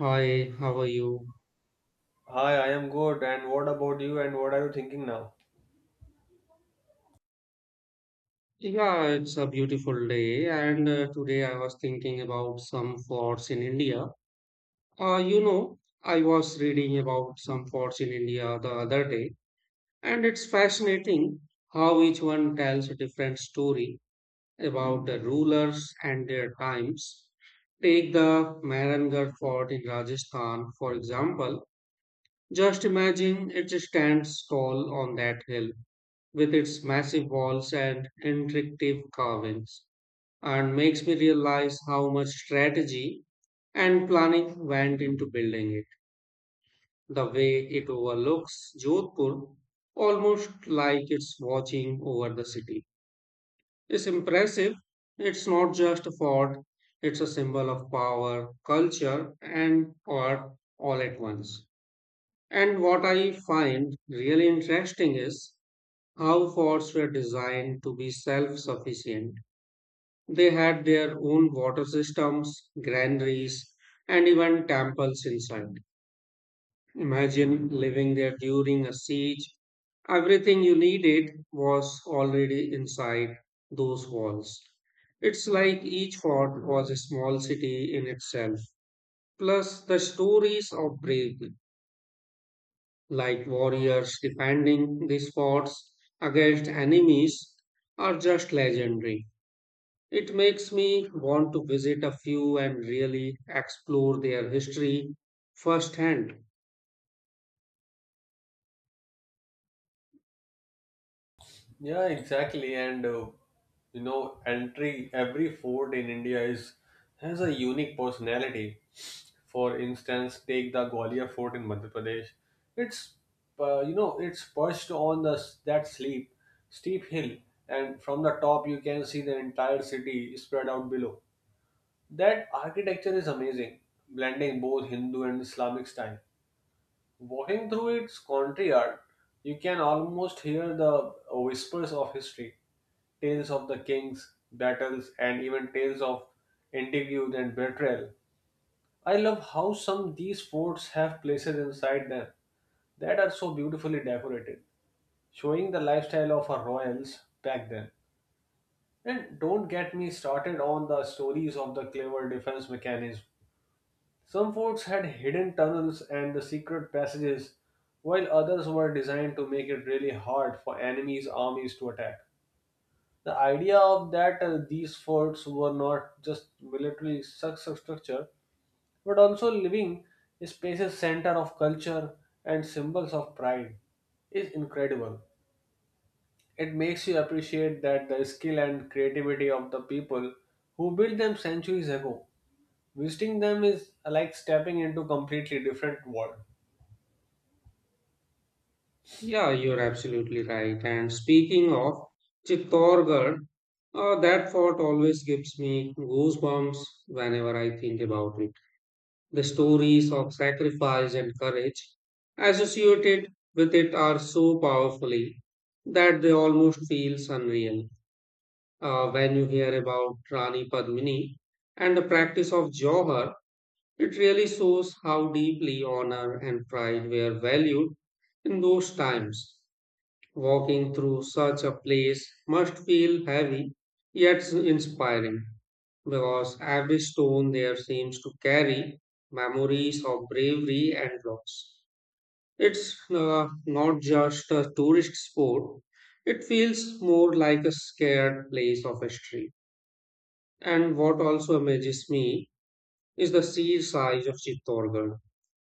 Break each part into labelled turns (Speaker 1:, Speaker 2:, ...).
Speaker 1: Hi, how are you?
Speaker 2: Hi, I am good. And what about you? And what are you thinking now?
Speaker 1: Yeah, it's a beautiful day, and today I was thinking about some forts in India. Uh, you know, I was reading about some forts in India the other day, and it's fascinating how each one tells a different story about the rulers and their times. Take the Mehrangarh fort in Rajasthan, for example. Just imagine it stands tall on that hill with its massive walls and intricate carvings, and makes me realize how much strategy and planning went into building it. The way it overlooks Jodhpur, almost like it's watching over the city, is impressive. It's not just a fort, it's a symbol of power, culture, and art all at once. And what I find really interesting is how forts were designed to be self sufficient. They had their own water systems, granaries, and even temples inside. Imagine living there during a siege. Everything you needed was already inside those walls. It's like each fort was a small city in itself. Plus, the stories of bravery, like warriors defending these forts against enemies, are just legendary. It makes me want to visit a few and really explore their history firsthand.
Speaker 2: Yeah, exactly. Entry every fort in India is has a unique personality. For instance, take the Gwalior Fort in Madhya Pradesh. It's you know it's perched on the that sleep steep hill, and from the top you can see the entire city spread out below. That architecture is amazing, blending both Hindu and Islamic style. Walking through its country yard, you can almost hear the whispers of history, tales of the kings, battles, and even tales of intrigue and betrayal. I love how some these forts have places inside them that are so beautifully decorated, showing the lifestyle of our royals back then. And don't get me started on the stories of the clever defense mechanism some forts had hidden tunnels and the secret passages, while others were designed to make it really hard for enemies' armies to attack. The idea of that these forts were not just military structure, but also living spaces center of culture and symbols of pride is incredible. It makes you appreciate that the skill and creativity of the people who built them centuries ago. Visiting them is like stepping into completely different world.
Speaker 1: Yeah, you're absolutely right. And speaking of Chittorgarh, that fort always gives me goosebumps whenever I think about it. The stories of sacrifice and courage associated with it are so powerfully that they almost feel unreal. When you hear about Rani Padmini and the practice of Johar, it really shows how deeply honor and pride were valued in those times. Walking through such a place must feel heavy yet inspiring because every stone there seems to carry memories of bravery and loss. It's not just a tourist spot; it feels more like a scared place of history. And what also amazes me is the sheer size of Chittorgarh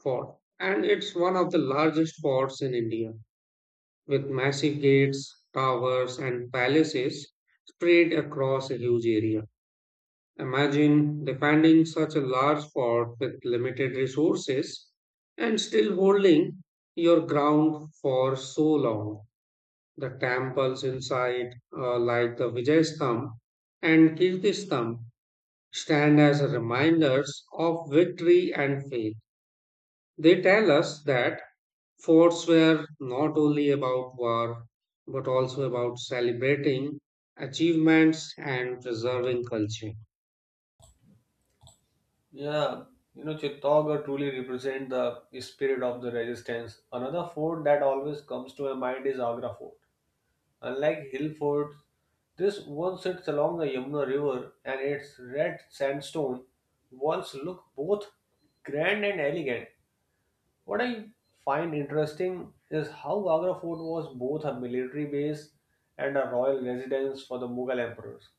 Speaker 1: fort, and it's one of the largest forts in India, with massive gates, towers, and palaces spread across a huge area. Imagine defending such a large fort with limited resources and still holding your ground for so long. The temples inside, like the Vijayastham and Kirtistham, stand as reminders of victory and faith. They tell us that forts were not only about war, but also about celebrating achievements and preserving culture.
Speaker 2: Yeah, you know, Chittaugarh truly represent the spirit of the resistance. Another fort that always comes to my mind is Agra Fort. Unlike hill forts, this one sits along the Yamuna River and its red sandstone walls look both grand and elegant. What I find interesting is how Agra Fort was both a military base and a royal residence for the Mughal emperors.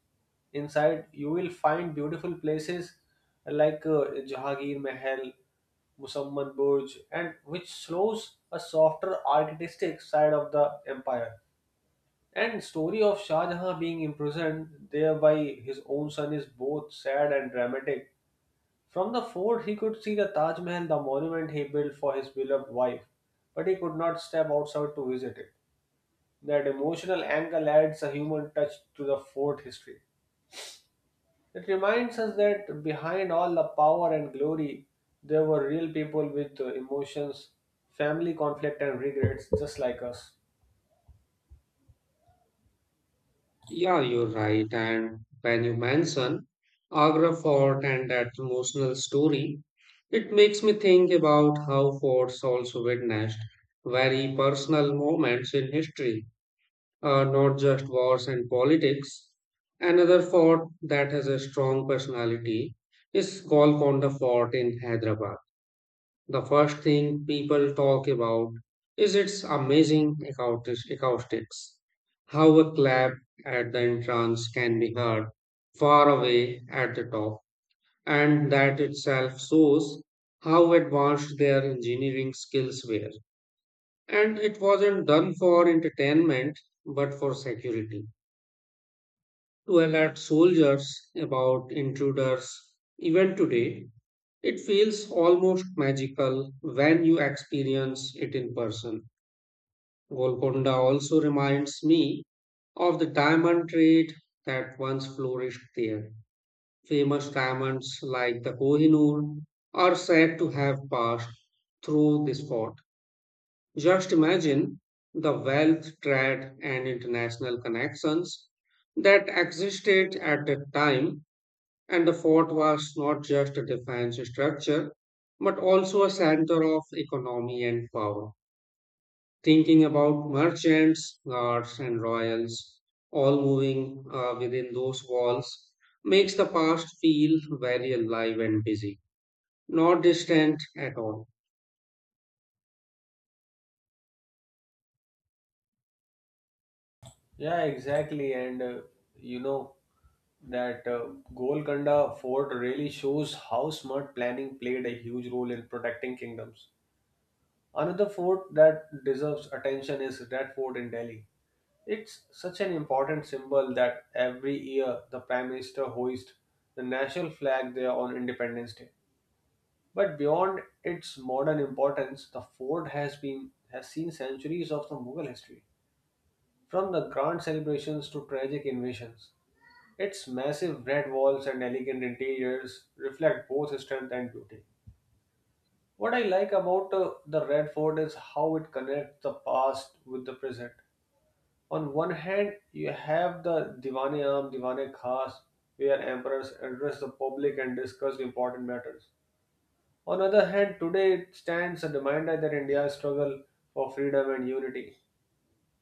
Speaker 2: Inside, you will find beautiful places like Jahangir Mahal, Musamman Burj, and which shows a softer artistic side of the empire. And story of Shah Jahan being imprisoned there by his own son is both sad and dramatic from the fort, he could see the Taj Mahal, the monument he built for his beloved wife, but he could not step outside to visit it. That emotional angle adds a human touch to the fort history. It reminds us that behind all the power and glory, there were real people with emotions, family conflict, and regrets, just like us.
Speaker 1: Yeah, you're right. And when you mention Agra Fort and that emotional story, it makes me think about how forts also witnessed very personal moments in history, not just wars and politics. Another fort that has a strong personality is Golconda Fort in Hyderabad. The first thing people talk about is its amazing acoustics. How a clap at the entrance can be heard far away at the top, and that itself shows how advanced their engineering skills were. And it wasn't done for entertainment but for security. To alert soldiers about intruders, even today, it feels almost magical when you experience it in person. Golconda also reminds me of the diamond trade that once flourished there. Famous diamonds like the Kohinoor are said to have passed through this port. Just imagine the wealth, trade, and international connections that existed at that time, and the fort was not just a defense structure, but also a center of economy and power. Thinking about merchants, guards, and royals all moving within those walls makes the past feel very alive and busy, not distant at all.
Speaker 2: Yeah, exactly. And you know that Golconda Fort really shows how smart planning played a huge role in protecting kingdoms. Another fort that deserves attention is Red Fort in Delhi. It's such an important symbol that every year the Prime Minister hoists the national flag there on Independence Day. But beyond its modern importance, the fort has seen centuries of the Mughal history, from the grand celebrations to tragic invasions. Its massive red walls and elegant interiors reflect both strength and beauty. What I like about the Red Fort is how it connects the past with the present. On one hand, you have the Diwane Aam, Diwane Khas, where emperors address the public and discuss important matters. On the other hand, today it stands a reminder that India's struggle for freedom and unity.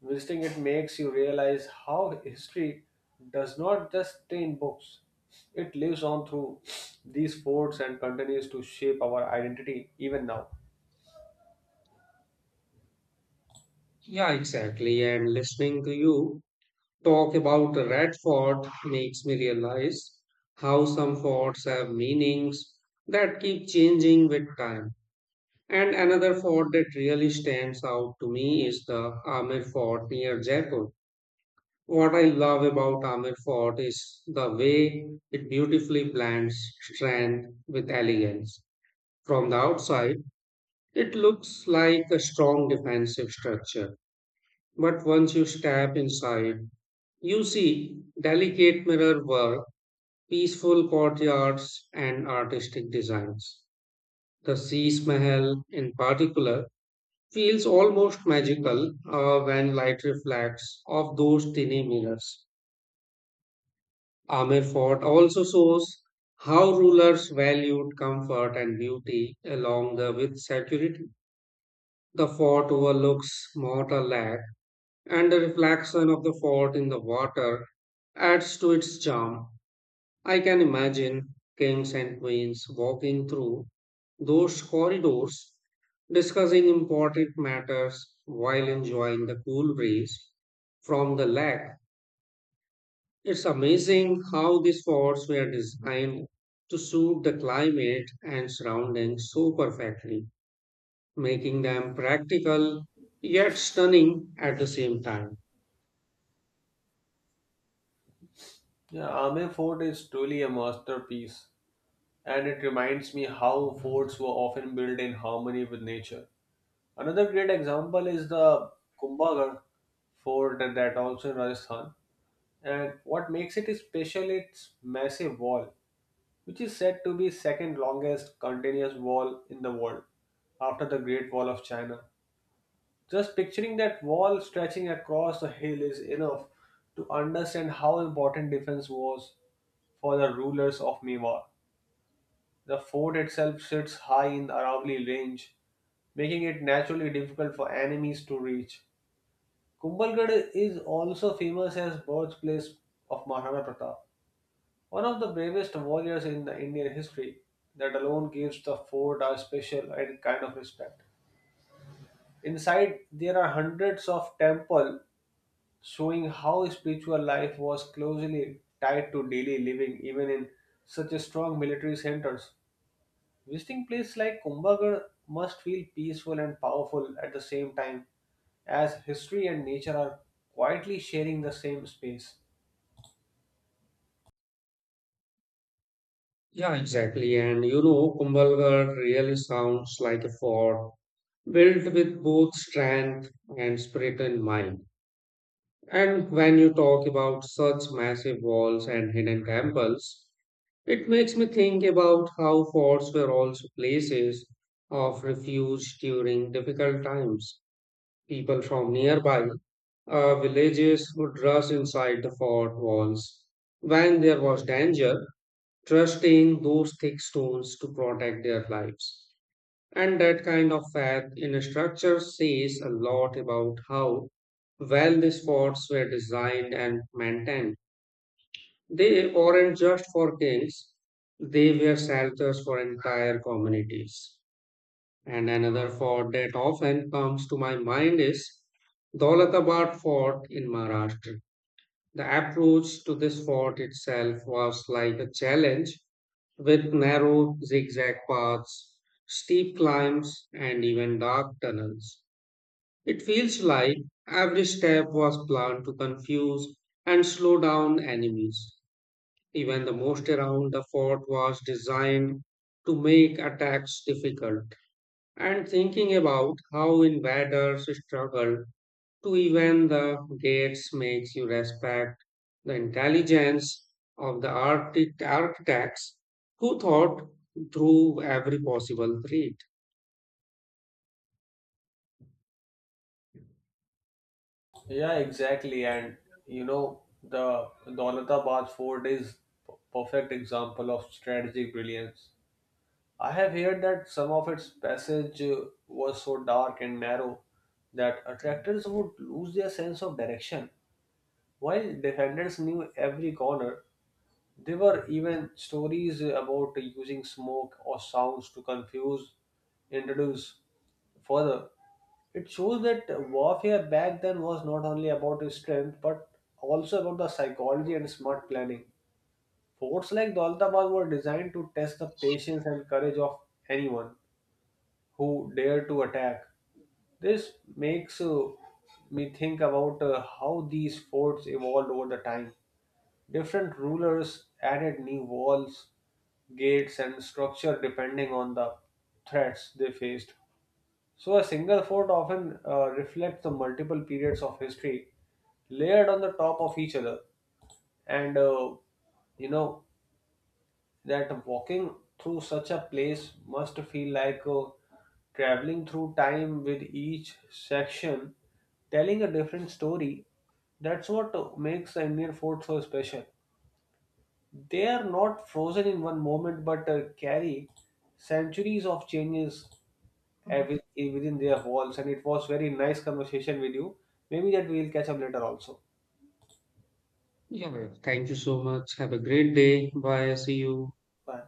Speaker 2: Visiting it makes you realize how history does not just stay in books. It lives on through these forts and continues to shape our identity even now.
Speaker 1: Yeah, exactly. And listening to you talk about the Red Fort makes me realize how some forts have meanings that keep changing with time. And another fort that really stands out to me is the Amir Fort near Jaipur. What I love about Amir Fort is the way it beautifully blends strength with elegance. From the outside, it looks like a strong defensive structure, but once you step inside, you see delicate mirror work, peaceful courtyards, and artistic designs. The Sis Mahal, in particular, feels almost magical when light reflects off those tiny mirrors. Amir Fort also shows how rulers valued comfort and beauty along with security. The fort overlooks Mortal Lake, and the reflection of the fort in the water adds to its charm. I can imagine kings and queens walking through those corridors, discussing important matters while enjoying the cool breeze from the lake. It's amazing how these forts were designed to suit the climate and surroundings so perfectly, making them practical yet stunning at the same time.
Speaker 2: Yeah, Aame Fort is truly a masterpiece, and it reminds me how forts were often built in harmony with nature. Another great example is the Kumbhagarh fort and that also in Rajasthan. And what makes it special its massive wall, which is said to be second longest continuous wall in the world after the Great Wall of China. Just picturing that wall stretching across the hill is enough to understand how important defense was for the rulers of Mewar. The fort itself sits high in the Aravalli range, making it naturally difficult for enemies to reach. Kumbhalgarh is also famous as birthplace of Maharana Pratap, one of the bravest warriors in the Indian history. That alone gives the fort a special and kind of respect. Inside, there are hundreds of temple showing how spiritual life was closely tied to daily living even in such a strong military centers. Visiting places like Kumbhagarh must feel peaceful and powerful at the same time as history and nature are quietly sharing the same space.
Speaker 1: Yeah, exactly. And you know, Kumbhalgarh really sounds like a fort built with both strength and spirit in mind. And when you talk about such massive walls and hidden temples, it makes me think about how forts were also places of refuge during difficult times. People from nearby villages would rush inside the fort walls when there was danger, trusting those thick stones to protect their lives. And that kind of faith in a structure says a lot about how well the forts were designed and maintained. They weren't just for kings, they were shelters for entire communities. And another fort that often comes to my mind is Dolatabad Fort in Maharashtra. The approach to this fort itself was like a challenge with narrow zigzag paths, steep climbs, and even dark tunnels. It feels like every step was planned to confuse and slow down enemies. Even the most around the fort was designed to make attacks difficult. And thinking about how invaders struggled to even the gates makes you respect the intelligence of the architects who thought through every possible threat.
Speaker 2: Yeah, exactly. And you know, the Daulatabad fort is perfect example of strategic brilliance I have heard that some of its passage was so dark and narrow that attractors would lose their sense of direction. While defenders knew every corner, there were even stories about using smoke or sounds to confuse introduce further. It shows that warfare back then was not only about strength but also about the psychology and smart planning. Forts like Daltabad were designed to test the patience and courage of anyone who dare to attack. This makes me think about how these forts evolved over the time. Different rulers added new walls, gates, and structure depending on the threats they faced. So, a single fort often reflects the multiple periods of history layered on the top of each other. And you know, that walking through such a place must feel like traveling through time with each section telling a different story. That's what makes the Indian fort so special. They are not frozen in one moment but carry centuries of changes within their walls. And it was very nice conversation with you. Maybe that we will catch up later also.
Speaker 1: Yeah, thank you so much. Have a great day. Bye. See you.
Speaker 2: Bye.